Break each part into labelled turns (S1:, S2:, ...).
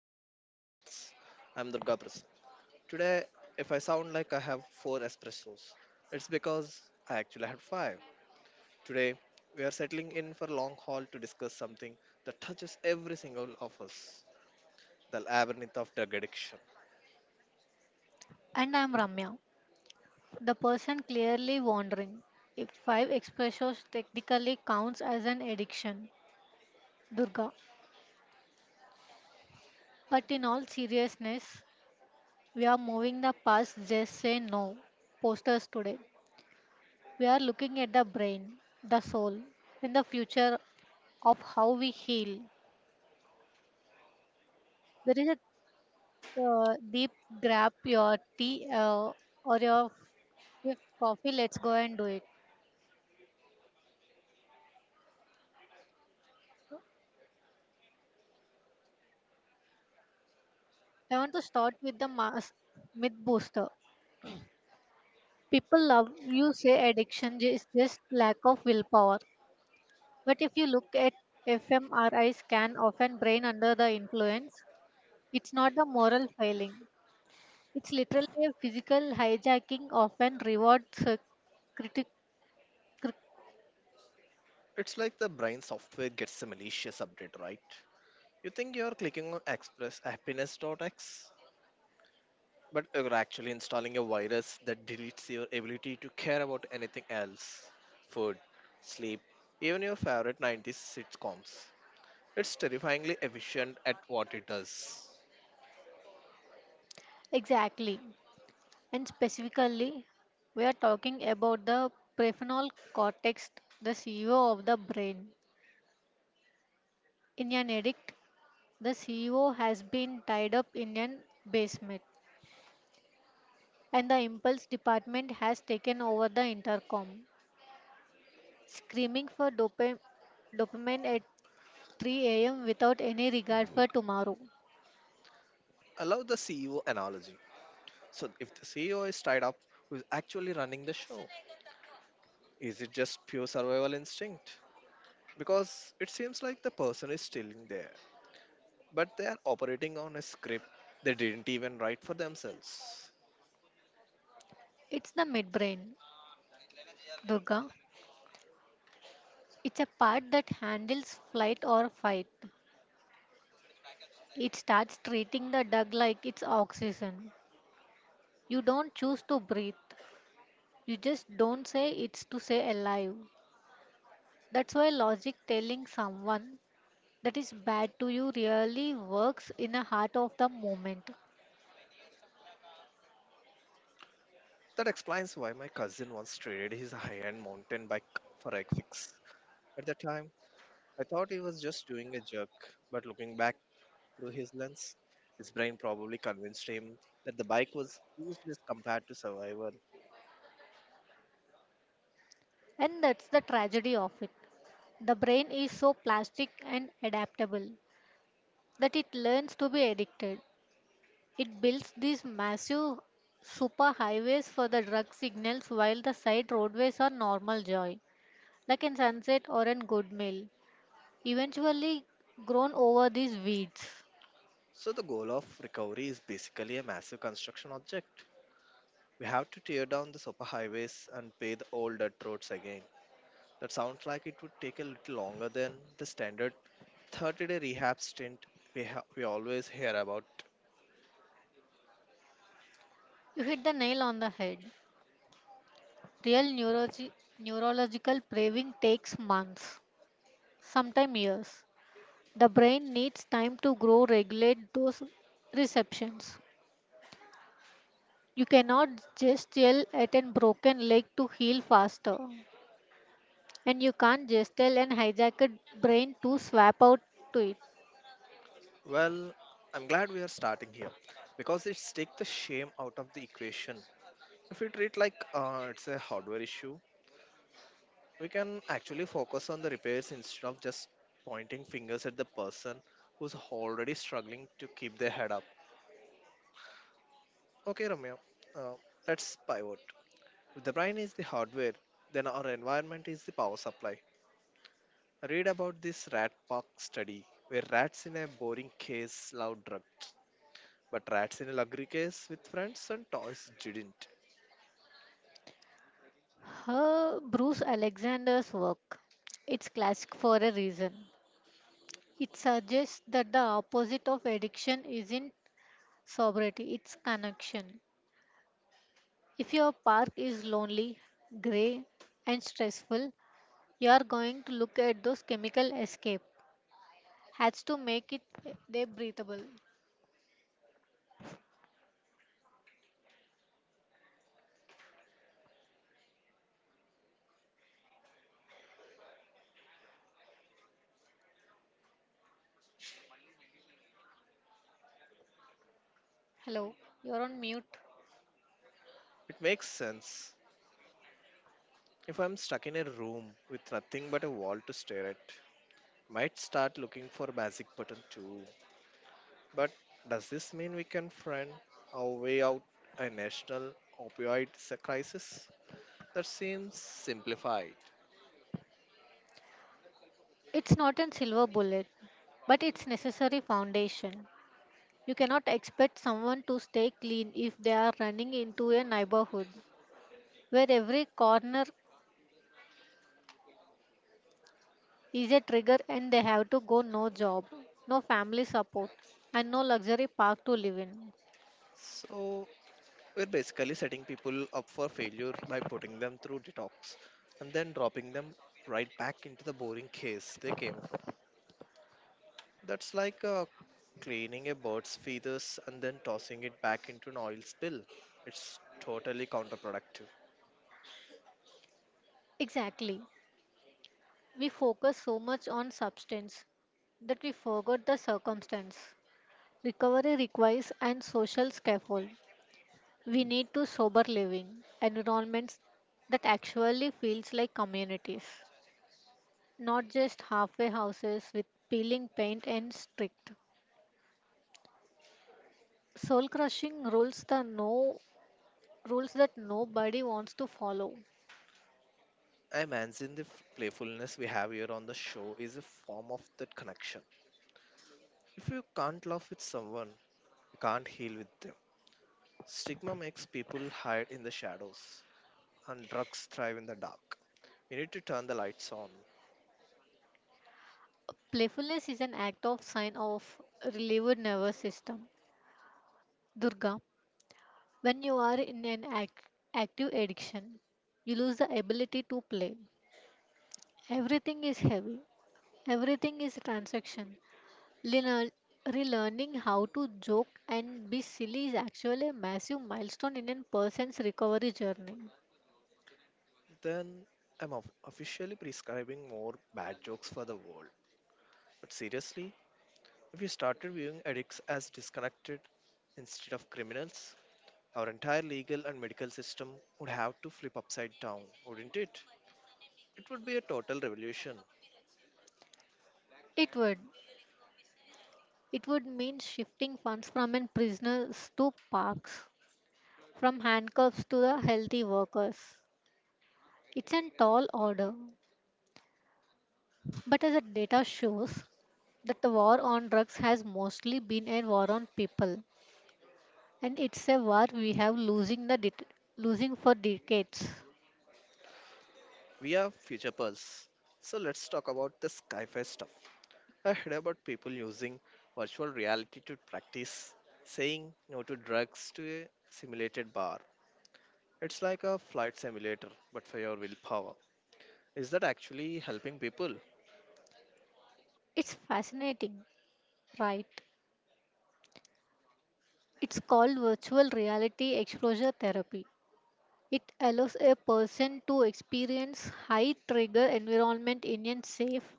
S1: session of Future Pulse. I'm Durga Prasad. Today, if I sound like I have four espressos, it's because I actually had five. Today, we are settling in for a long haul to discuss something that touches every single of us, the labyrinth of drug addiction.
S2: And I'm Ramya, the person clearly wondering if five expressos technically counts as an addiction. Durga. But in all seriousness, we are moving the past just say no posters today. We are looking at the brain, the soul, and the future of how we heal. There is a deep grab your tea or your fifth coffee. Let's go and do it. I want to start with the mass myth booster. People love you say addiction is just lack of willpower. But if you look at fMRI scan of an brain under the influence, it's not a moral failing. It's literally a physical hijacking of an reward critic cri-
S1: It's like the brain software gets a malicious update, right? You think you're clicking on Express Happiness dot X? But you're actually installing a virus that deletes your ability to care about anything else: food, sleep, even your favorite 90s sitcoms. It's terrifyingly efficient at what it does.
S2: exactly. And specifically, we are talking about the prefrontal cortex, the CEO of the brain. In an addict, the CEO has been tied up in an basement and the impulse department has taken over the intercom, screaming for dopamine at 3 a.m. without any regard for tomorrow.
S1: I love the CEO analogy. So, if the CEO is tied up, who's actually running the show? Is it just pure survival instinct? Because it seems like the person is still in there, but they are operating on a script they didn't even write for themselves.
S2: It's the midbrain, Durga. It's a part that handles flight or fight. It starts treating the dog like it's oxygen. You don't choose to breathe. You just don't say it's to say alive. That's why logic telling someone that is bad to you really works in the heart of the moment.
S1: That explains why my cousin once traded his high end mountain bike for a fix. At the time, I thought he was just doing a joke, but looking back through his lens, his brain probably convinced him that the bike was useless compared to survival.
S2: And that's the tragedy of it. The brain is so plastic and adaptable that it learns to be addicted. It builds these massive superhighways for the drug signals while the side roadways are normal joy, like a sunset or a good meal, eventually grown over these weeds.
S1: So, the goal of recovery is basically a massive construction object. We have to tear down the superhighways and pay the old dirt roads again. That sounds like it would take a little longer than the standard 30-day rehab stint we always hear about.
S2: You hit the nail on the head. Real neurological craving takes months, sometimes years. The brain needs time to grow, regulate those receptions. You cannot just yell at a broken leg to heal faster, and you can't just tell an hijacked brain to swap out to it.
S1: Well, I'm glad we are starting here because it's take the shame out of the equation. If we treat like it's a hardware issue, we can actually focus on the repairs instead of just pointing fingers at the person who's already struggling to keep their head up. Okay, Ramya, uh, let's pivot. If the brain is the hardware, then our environment is the power supply. Read about this rat park study where rats in a boring case loud drugs. But rats in a luxury case with friends and toys didn't.
S2: Her Bruce Alexander's work. It's classic for a reason. It suggests that the opposite of addiction isn't sobriety, it's connection. If your park is lonely, grey, and stressful, you are going to look at those chemical escape. Has to make it they breathable. Hello, you're on mute.
S1: It makes sense. If I'm stuck in a room with nothing but a wall to stare at, might start looking for a magic button too. But does this mean we can find our way out a national crisis? That seems simplified.
S2: It's not a silver bullet, but it's necessary foundation. You cannot expect someone to stay clean if they are running into a neighborhood where every corner is a trigger and they have to go no job, no family support, and no luxury park to live in.
S1: So we're basically setting people up for failure by putting them through detox and then dropping them right back into the boring case they came from. That's like cleaning a bird's feathers and then tossing it back into an oil spill. It's totally counterproductive.
S2: Exactly. We focus so much on substance that we forgot the circumstance. Recovery requires an social scaffold. We need to sober living environments that actually feels like communities, not just halfway houses with peeling paint and strict soul crushing rules the no rules that nobody wants to follow.
S1: I imagine the f- playfulness we have here on the show is a form of that connection. If you can't laugh with someone, you can't heal with them. Stigma makes people hide in the shadows, and drugs thrive in the dark. You need to turn the lights on.
S2: Playfulness is an act of sign of relieved nervous system. Durga, when you are in an active addiction, you lose the ability to play. Everything is heavy. Everything is transaction. Learn- Relearning how to joke and be silly is actually a massive milestone in a person's recovery journey.
S1: Then I'm of- officially prescribing more bad jokes for the world. But seriously, If we started viewing addicts as disconnected instead of criminals, our entire legal and medical system would have to flip upside down, wouldn't it? It would be a total revolution.
S2: It would. It would mean shifting funds from in prisoners to parks, from handcuffs to the healthy workers. It's a tall order, but as the data shows, that the war on drugs has mostly been a war on people, and it's a war we have losing the losing for decades.
S1: We are Future Pulse. So let's talk about the Skyfi stuff. I heard about people using virtual reality to practice saying no to drugs to a simulated bar. It's like a flight simulator, but for your willpower. Is that actually helping people?
S2: It's fascinating. Right. It's called virtual reality exposure therapy. It allows a person to experience high trigger environment in a safe,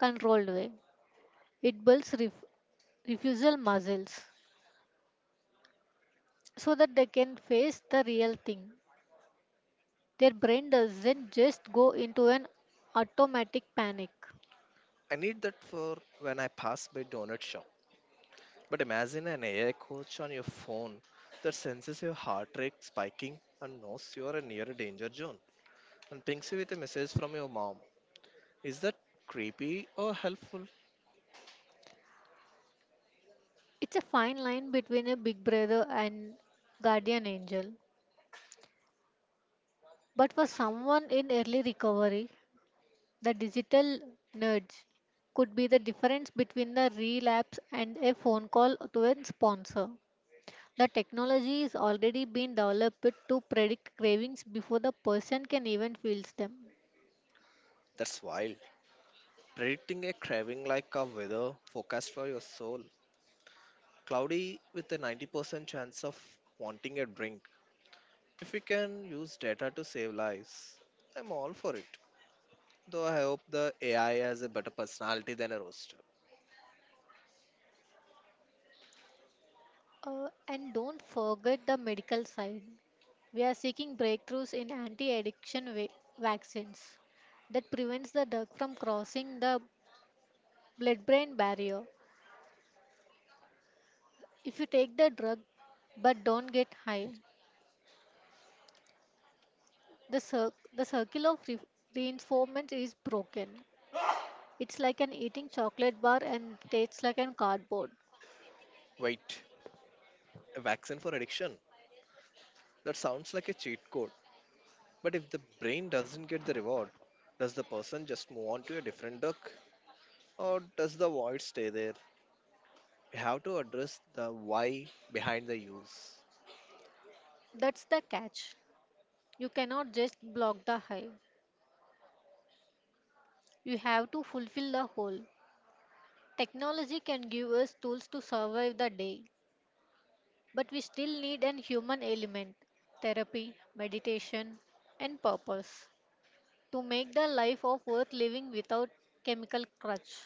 S2: controlled way. It builds refusal muscles so that they can face the real thing. Their brain doesn't just go into an automatic panic.
S1: I need that for when I pass by donut shop But imagine an AI coach on your phone that senses your heart rate spiking and knows you are near a danger zone and pings you with a message from your mom. Is that creepy or helpful?
S2: It's a fine line between a big brother and guardian angel. But for someone in early recovery, the digital nudge could be the difference between the relapse and a phone call to a sponsor. The technology is already being developed to predict cravings before the person can even feel them.
S1: That's wild. Predicting a craving like a weather forecast for your soul. Cloudy with a 90% chance of wanting a drink. If we can use data to save lives, I'm all for it. Though I hope the AI has a better personality than a roaster.
S2: And don't forget the medical side. We are seeking breakthroughs in anti-addiction vaccines that prevents the drug from crossing the blood-brain barrier. If you take the drug but don't get high, the circle of reinforcement is broken. It's like an eating chocolate bar and tastes like an cardboard.
S1: Wait, a vaccine for addiction? That sounds like a cheat code. But if the brain doesn't get the reward, does the person just move on to a different duck or does the void stay there? We have to address the why behind the use.
S2: That's the catch. You cannot just block the high. You have to fulfill the whole. Technology can give us tools to survive the day, but we still need an human element, therapy, meditation, and purpose to make the life of worth living without chemical crutch.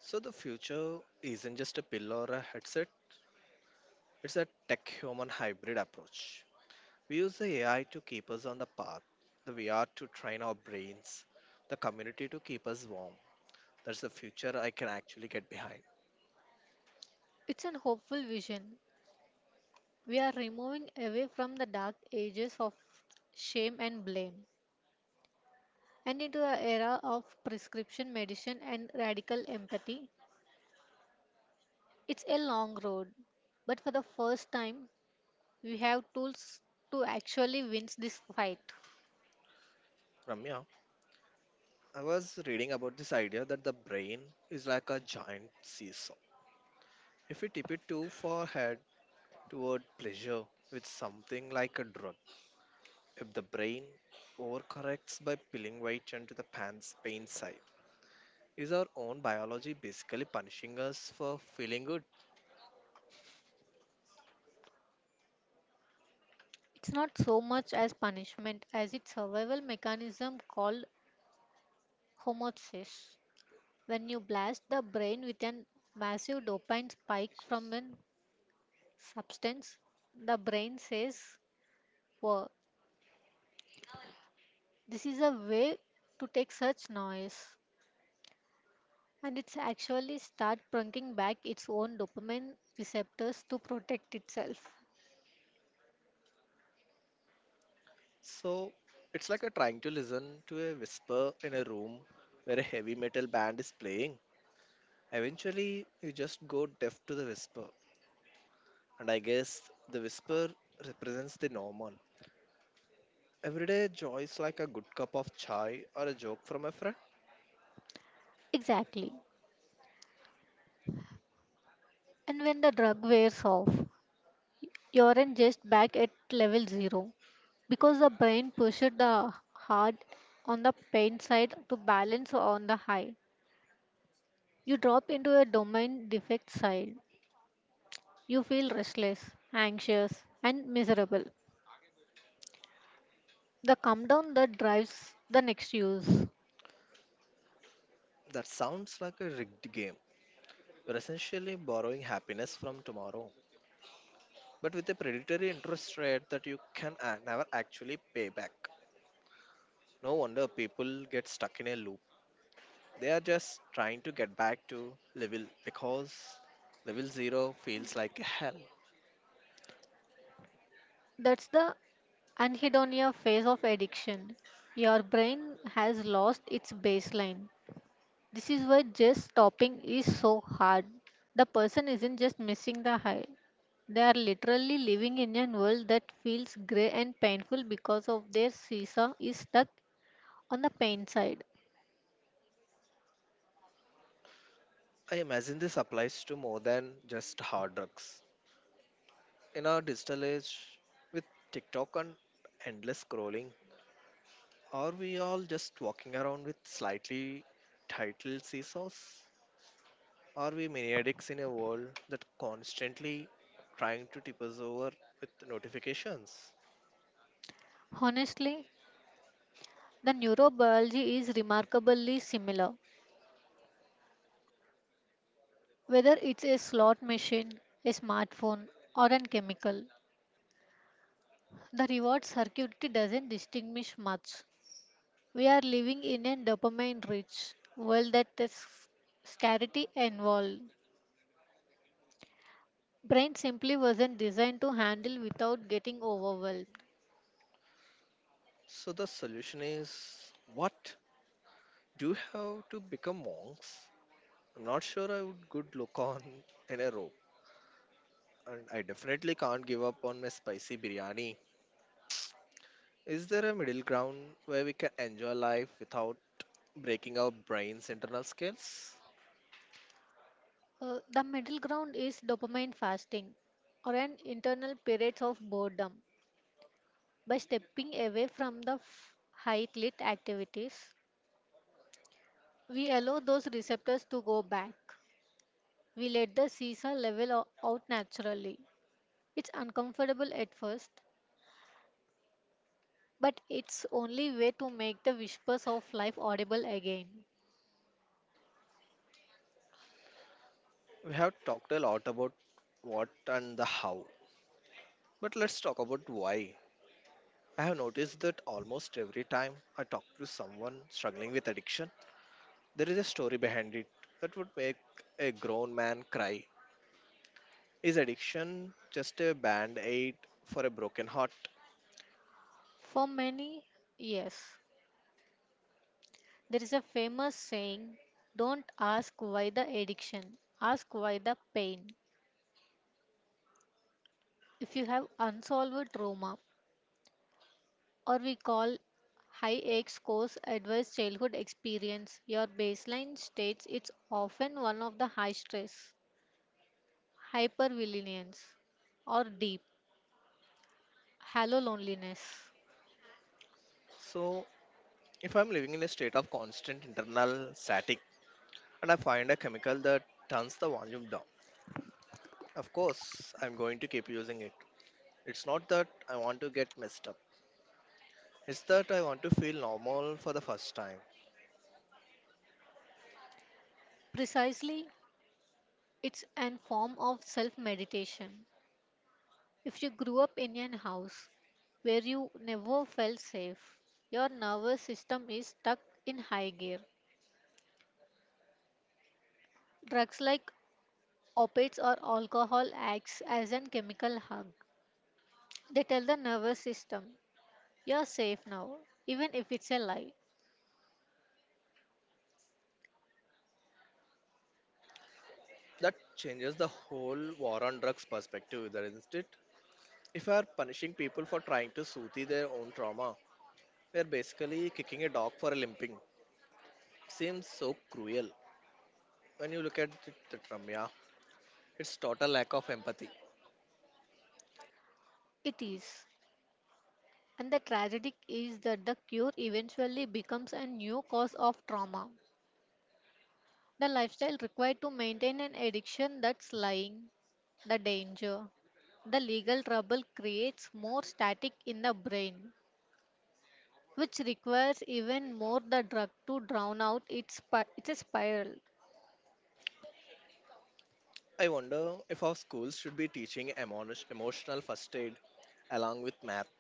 S1: So the future isn't just a pill or a headset, it's a tech human hybrid approach. We use the AI to keep us on the path, the VR to train our brains, the community to keep us warm. That's the future I can actually get behind.
S2: It's an hopeful vision. We are removing away from the dark ages of shame and blame and into the era of prescription medicine and radical empathy. It's a long road, but for the first time, we have tools to actually win this fight.
S1: Ramya, I was reading about this idea that the brain is like a giant seesaw. If we tip it too far head toward pleasure with something like a drug, if the brain overcorrects by pulling weight into the pants pain side, is our own biology basically punishing us for feeling good?
S2: It's not so much as punishment as its survival mechanism called homeostasis. When you blast the brain with a massive dopamine spike from a substance, the brain says, "Whoa, this is a way to take such noise and it's actually start bringing back its own dopamine receptors to protect itself."
S1: So it's like a trying to listen to a whisper in a room where a heavy metal band is playing. Eventually, you just go deaf to the whisper And I guess the whisper represents the normal. Everyday joys like a good cup of chai or a joke from a friend.
S2: Exactly. And when the drug wears off, you aren't just back at level zero because the brain pushed the hard on the pain side to balance on the high. You drop into a domain defect side. You feel restless, anxious, and miserable. The come down that drives the next use.
S1: That sounds like a rigged game. You're essentially borrowing happiness from tomorrow, but with a predatory interest rate that you can a- never actually pay back. No wonder people get stuck in a loop. They are just trying to get back to level because level zero feels like hell.
S2: That's the anhedonia phase of addiction. Your brain has lost its baseline. This is why just stopping is so hard. The person isn't just missing the high. They are literally living in a world that feels grey and painful because of their seesaw is stuck on the pain side.
S1: I imagine this applies to more than just hard drugs. In our digital age with TikTok and endless scrolling, are we all just walking around with slightly titled seesaws? Are we maniacs in a world that constantly trying to tip us over with notifications?
S2: Honestly, the neurobiology is remarkably similar. Whether it's a slot machine, a smartphone, or a chemical, the reward circuitry doesn't distinguish much. We are living in a dopamine rich world that is scarcity involved. Brain simply wasn't designed to handle without getting overwhelmed.
S1: So the solution is what? Do you have to become monks? I'm not sure I would good look on in a rope. And I definitely can't give up on my spicy biryani. Is there a middle ground where we can enjoy life without breaking our brain's internal skills.
S2: The middle ground is dopamine fasting or an internal periods of boredom. By stepping away from the high lit activities, we allow those receptors to go back. We let the seesaw level out naturally. It's uncomfortable at first, but it's only way to make the whispers of life audible again.
S1: We have talked a lot about what and the how, but let's talk about why. I have noticed that almost every time I talk to someone struggling with addiction, there is a story behind it that would make a grown man cry. Is addiction just a band aid for a broken heart?
S2: For many, yes. There is a famous saying, don't ask why the addiction, ask why the pain. If you have unsolved trauma, or we call high X course adverse childhood experience, your baseline states it's often one of the high stress, hypervigilance, or deep, hollow loneliness.
S1: So, if I'm living in a state of constant internal static and I find a chemical that turns the volume down, of course, I'm going to keep using it It's not that I want to get messed up. It's that I want to feel normal for the first time.
S2: Precisely, it's an form of self meditation. If you grew up in an house where you never felt safe, your nervous system is stuck in high gear. Drugs like opiates or alcohol acts as an chemical hug. They tell the nervous system, you're safe now, even if it's a lie.
S1: That changes the whole war on drugs perspective, is not it? If we are punishing people for trying to soothe their own trauma, we are basically kicking a dog for a limping. Seems so cruel. When you look at it, that Ramya, it's total lack of empathy.
S2: It is. And the tragedy is that the cure eventually becomes a new cause of trauma. The lifestyle required to maintain an addiction that's lying, the danger. The legal trouble creates more static in the brain, which requires even more the drug to drown out its, it's a spiral.
S1: I wonder if our schools should be teaching emo- emotional first aid along with math.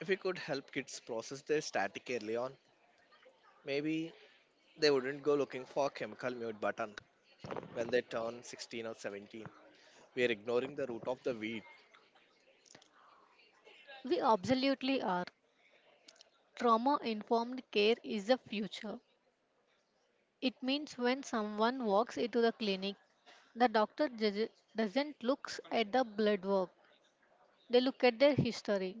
S1: If we could help kids process their static early on, maybe They wouldn't go looking for a chemical mute button when they turn 16 or 17. We are ignoring the root of the weed.
S2: We absolutely are. Trauma informed care is the future. It means when someone walks into the clinic, the doctor doesn't look at the blood work, they look at their history.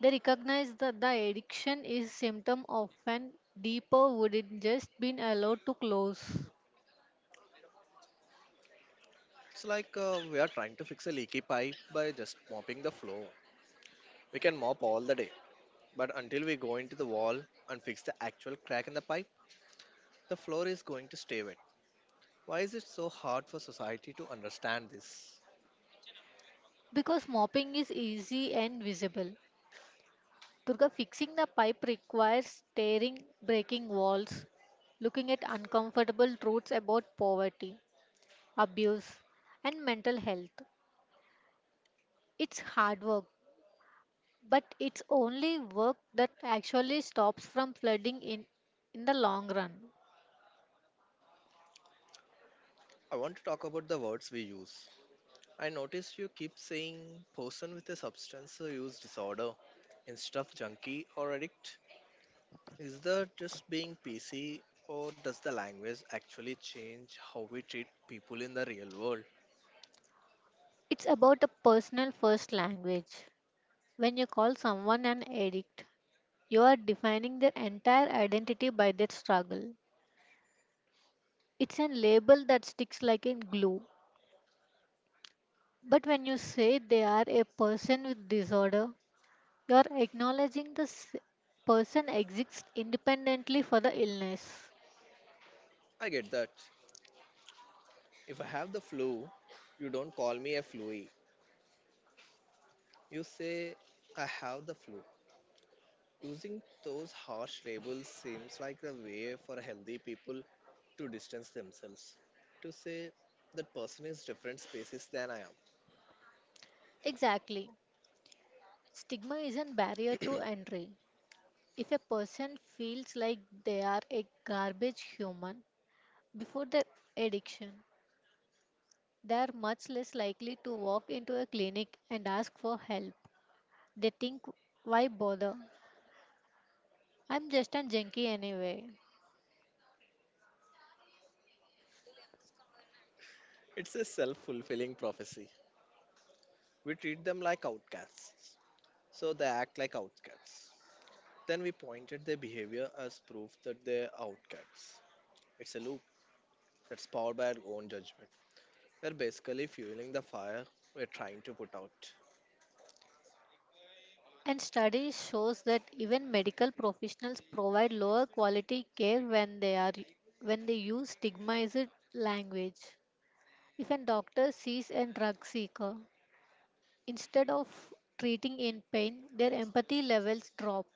S2: They recognize that the addiction is symptom of an deeper wouldn't just been allowed to close
S1: It's like we are trying to fix a leaky pipe by just mopping the floor. We can mop all the day, but until we go into the wall and fix the actual crack in the pipe, the floor is going to stay wet. Why is it so hard for society to understand this?
S2: because mopping is easy and visible. Durga, fixing the pipe requires staring, breaking walls, looking at uncomfortable truths about poverty, abuse, and mental health. It's hard work, but it's only work that actually stops from flooding in the long run.
S1: I want to talk about the words we use. I noticed you keep saying person with a substance use disorder instead of junkie or addict. Is that just being PC, or does the language actually change how we treat people in the real world?
S2: It's about a personal first language. When you call someone an addict, you are defining their entire identity by their struggle. It's a label that sticks like a glue. But when you say they are a person with disorder, you are acknowledging the person exists independently for the illness.
S1: I get that. If I have the flu, you don't call me a fluey. You say, I have the flu. Using those harsh labels seems like the way for healthy people to distance themselves. To say that person is different species than I am.
S2: Exactly. Stigma is a barrier to entry. If a person feels like they are a garbage human before their addiction, they are much less likely to walk into a clinic and ask for help. They think, why bother? I'm just a junkie anyway.
S1: It's a self fulfilling prophecy. We treat them like outcasts, so they act like outcasts. Then we pointed their behavior as proof that they're outcasts. It's a loop that's powered by our own judgment. We're basically fueling the fire we're trying to put out.
S2: And studies shows that even medical professionals provide lower quality care when they use stigmatized language. If a doctor sees a drug seeker, instead of treating in pain, their empathy levels drop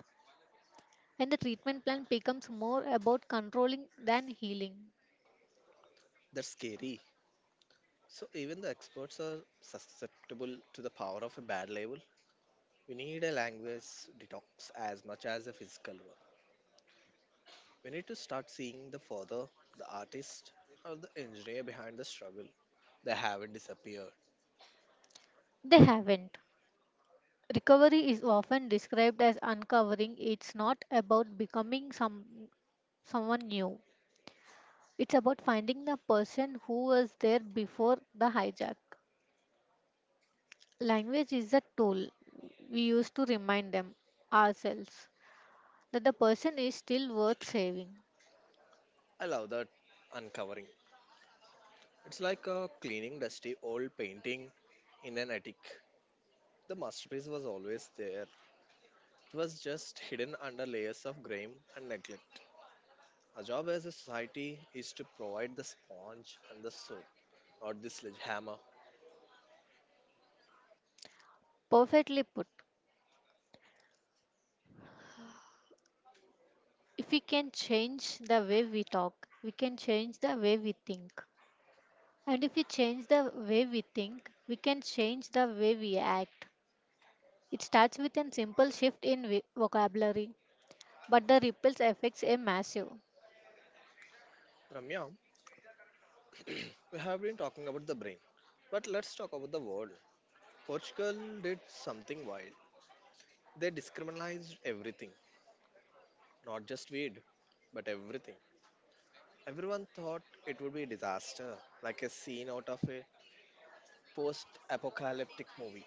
S2: and the treatment plan becomes more about controlling than healing.
S1: That's scary. So even the experts are susceptible to the power of a bad label. We need a language detox as much as a physical one. We need to start seeing the father, the artist, or the engineer behind the struggle. They haven't disappeared.
S2: They haven't. Recovery is often described as uncovering. It's not about becoming someone new. It's about finding the person who was there before the hijack. Language is a tool we use to remind them ourselves that the person is still worth saving.
S1: I love that uncovering. It's like cleaning dusty old painting in an attic. The masterpiece was always there. It was just hidden under layers of grime and neglect. Our job as a society is to provide the sponge and the soap, not the sledgehammer.
S2: Perfectly put. If we can change the way we talk, we can change the way we think. And if we change the way we think, we can change the way we act. It starts with a simple shift in vocabulary, but the ripples effects are massive.
S1: Ramya, we have been talking about the brain, but let's talk about the world. Portugal did something wild. They discriminalized everything, not just weed, but everything. Everyone thought it would be a disaster, like a scene out of a post apocalyptic movie,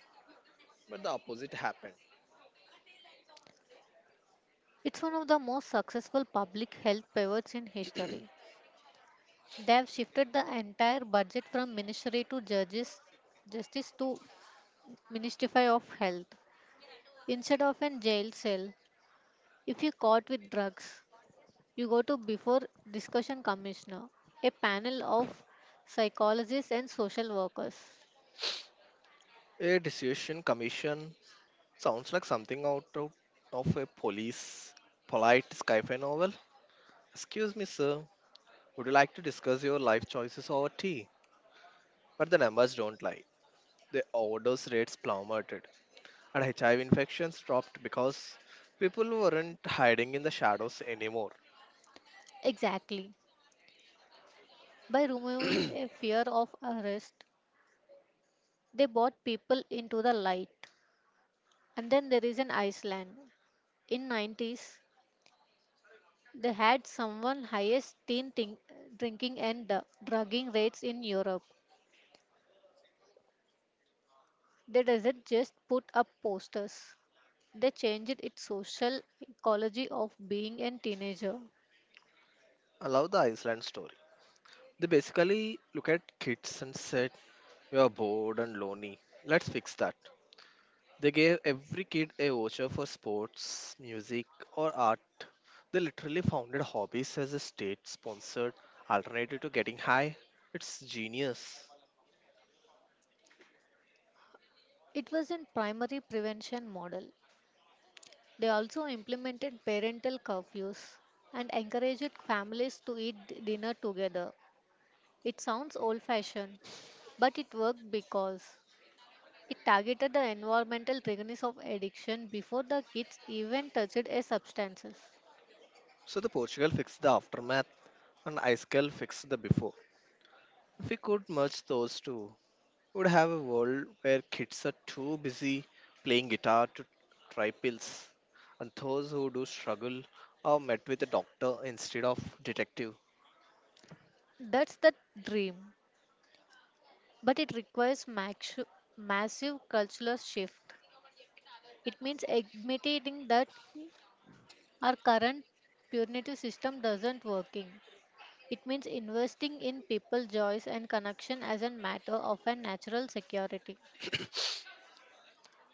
S1: but the opposite happened.
S2: It's one of the most successful public health pivots in history. They have shifted the entire budget from ministry to judges, justice to ministry of health. Instead of a jail cell, if you caught with drugs, you go to before discussion commissioner, a panel of psychologists and social workers.
S1: A decision commission sounds like something out of a police polite sci-fi novel. Excuse me, sir. Would you like to discuss your life choices over tea? But the numbers don't lie. The overdose rates plummeted, and HIV infections dropped because people weren't hiding in the shadows anymore.
S2: Exactly. By removing a fear of arrest, they brought people into the light. And then there is an Iceland. In 90s, they had someone highest teen drinking and drugging rates in Europe. They doesn't just put up posters. They changed its social ecology of being a teenager.
S1: I love the Iceland story. They basically look at kids and said, "You are bored and lonely. Let's fix that." They gave every kid a voucher for sports, music, or art. They literally founded hobbies as a state sponsored alternative to getting high. It's genius.
S2: It was a primary prevention model. They also implemented parental curfews and encouraged families to eat dinner together. It sounds old fashioned, but it worked because it targeted the environmental triggers of addiction before the kids even touched a substances.
S1: So the Portugal fixed the aftermath and Icecal fixed the before. If we could merge those two, we would have a world where kids are too busy playing guitar to try pills, and those who do struggle are met with a doctor instead of detective.
S2: That's the dream, but it requires massive cultural shift. It means admitting that our current punitive system doesn't working. It means investing in people joys and connection as a matter of a natural security.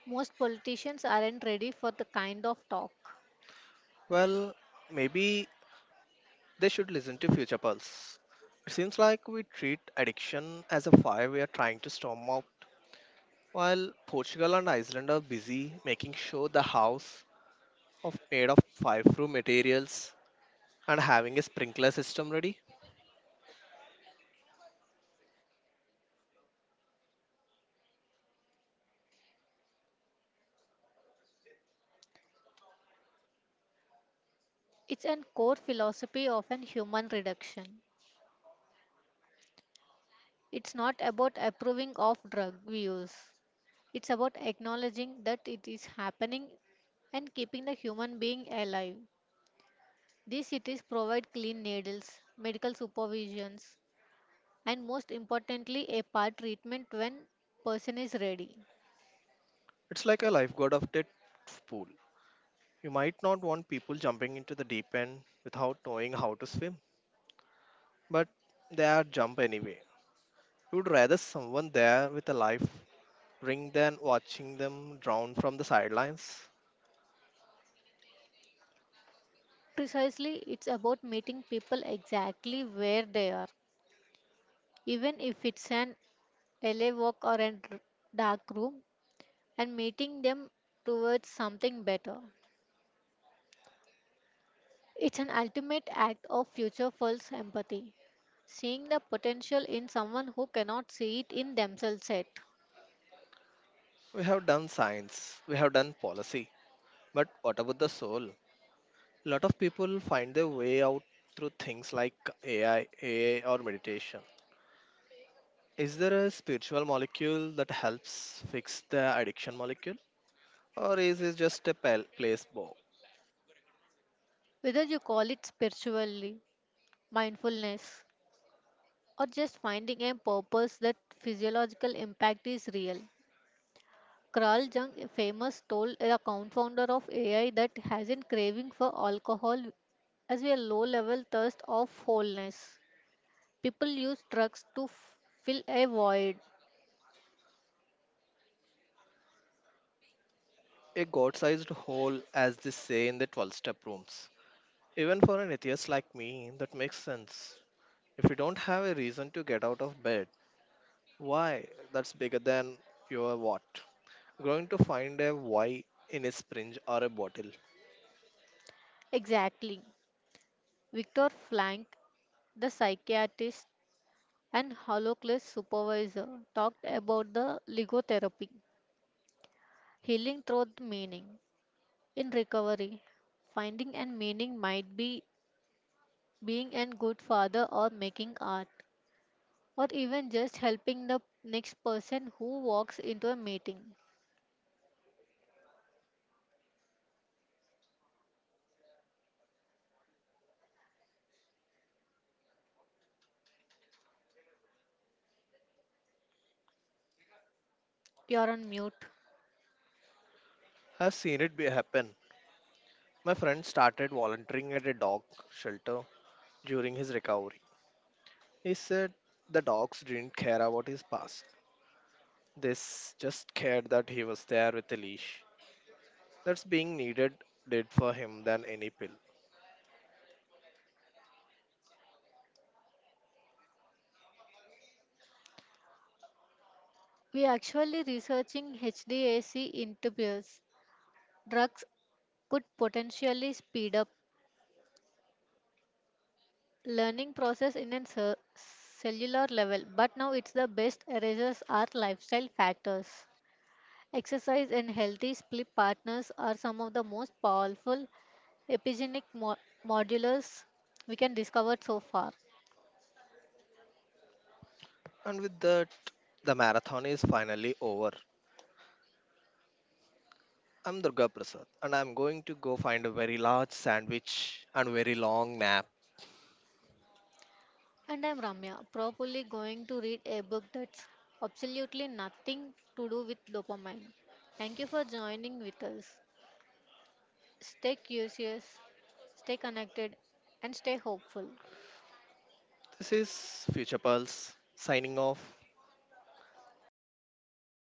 S2: Most politicians aren't ready for the kind of talk.
S1: Well, maybe They should listen to Future Pulse. It seems like we treat addiction as a fire we are trying to storm out, while Portugal and Iceland are busy making sure the house of made of fireproof materials and having a sprinkler system ready.
S2: It's an core philosophy of an human reduction. It's not about approving of drug use. It's about acknowledging that it is happening and keeping the human being alive. These cities provide clean needles, medical supervisions, and most importantly a part treatment when person is ready.
S1: It's like a lifeguard of that pool. You might not want people jumping into the deep end without knowing how to swim, but they are jump anyway. You would rather someone there with a life ring than watching them drown from the sidelines.
S2: Precisely, it's about meeting people exactly where they are. Even if it's an alley walk or a dark room, and mating them towards something better. It's an ultimate act of future false empathy, seeing the potential in someone who cannot see it in themselves yet.
S1: We have done science, we have done policy, but what about the soul? Lot of people find their way out through things like AI, AA, or meditation. Is there a spiritual molecule that helps fix the addiction molecule? Or is it just a pal- placebo?
S2: Whether you call it spiritually, mindfulness, or just finding a purpose that physiological impact is real. Carl Jung famous told the co-founder of AI that has a craving for alcohol as a low-level thirst of wholeness. People use drugs to fill a void.
S1: A god sized hole, as they say in the 12 step rooms. Even for an atheist like me, that makes sense. If you don't have a reason to get out of bed, Why? That's bigger than your what? Going to find a why in a syringe or a bottle.
S2: Exactly. Victor Frank, the psychiatrist and Holocaust supervisor, talked about the logotherapy, healing through the meaning. In recovery, finding and meaning might be being a good father or making art, or even just helping the next person who walks into a meeting. You're on mute.
S1: I've seen it be happen. My friend started volunteering at a dog shelter during his recovery. He said the dogs didn't care about his past. They s- just cared that he was there with a leash. That's being needed did for him than any pill.
S2: We are actually researching HDAC interviews, drugs could potentially speed up learning process in a cellular level, but now it's the best erasers are lifestyle factors, exercise and healthy sleep partners are some of the most powerful epigenetic modulars we can discover so far.
S1: And with that, the marathon is finally over. I'm Durga Prasad, and I'm going to go find a very large sandwich and very long nap.
S2: And I'm Ramya, probably going to read a book that's absolutely nothing to do with dopamine. Thank you for joining with us. Stay curious, stay connected, and stay hopeful.
S1: This is Future Pulse signing off. Tata.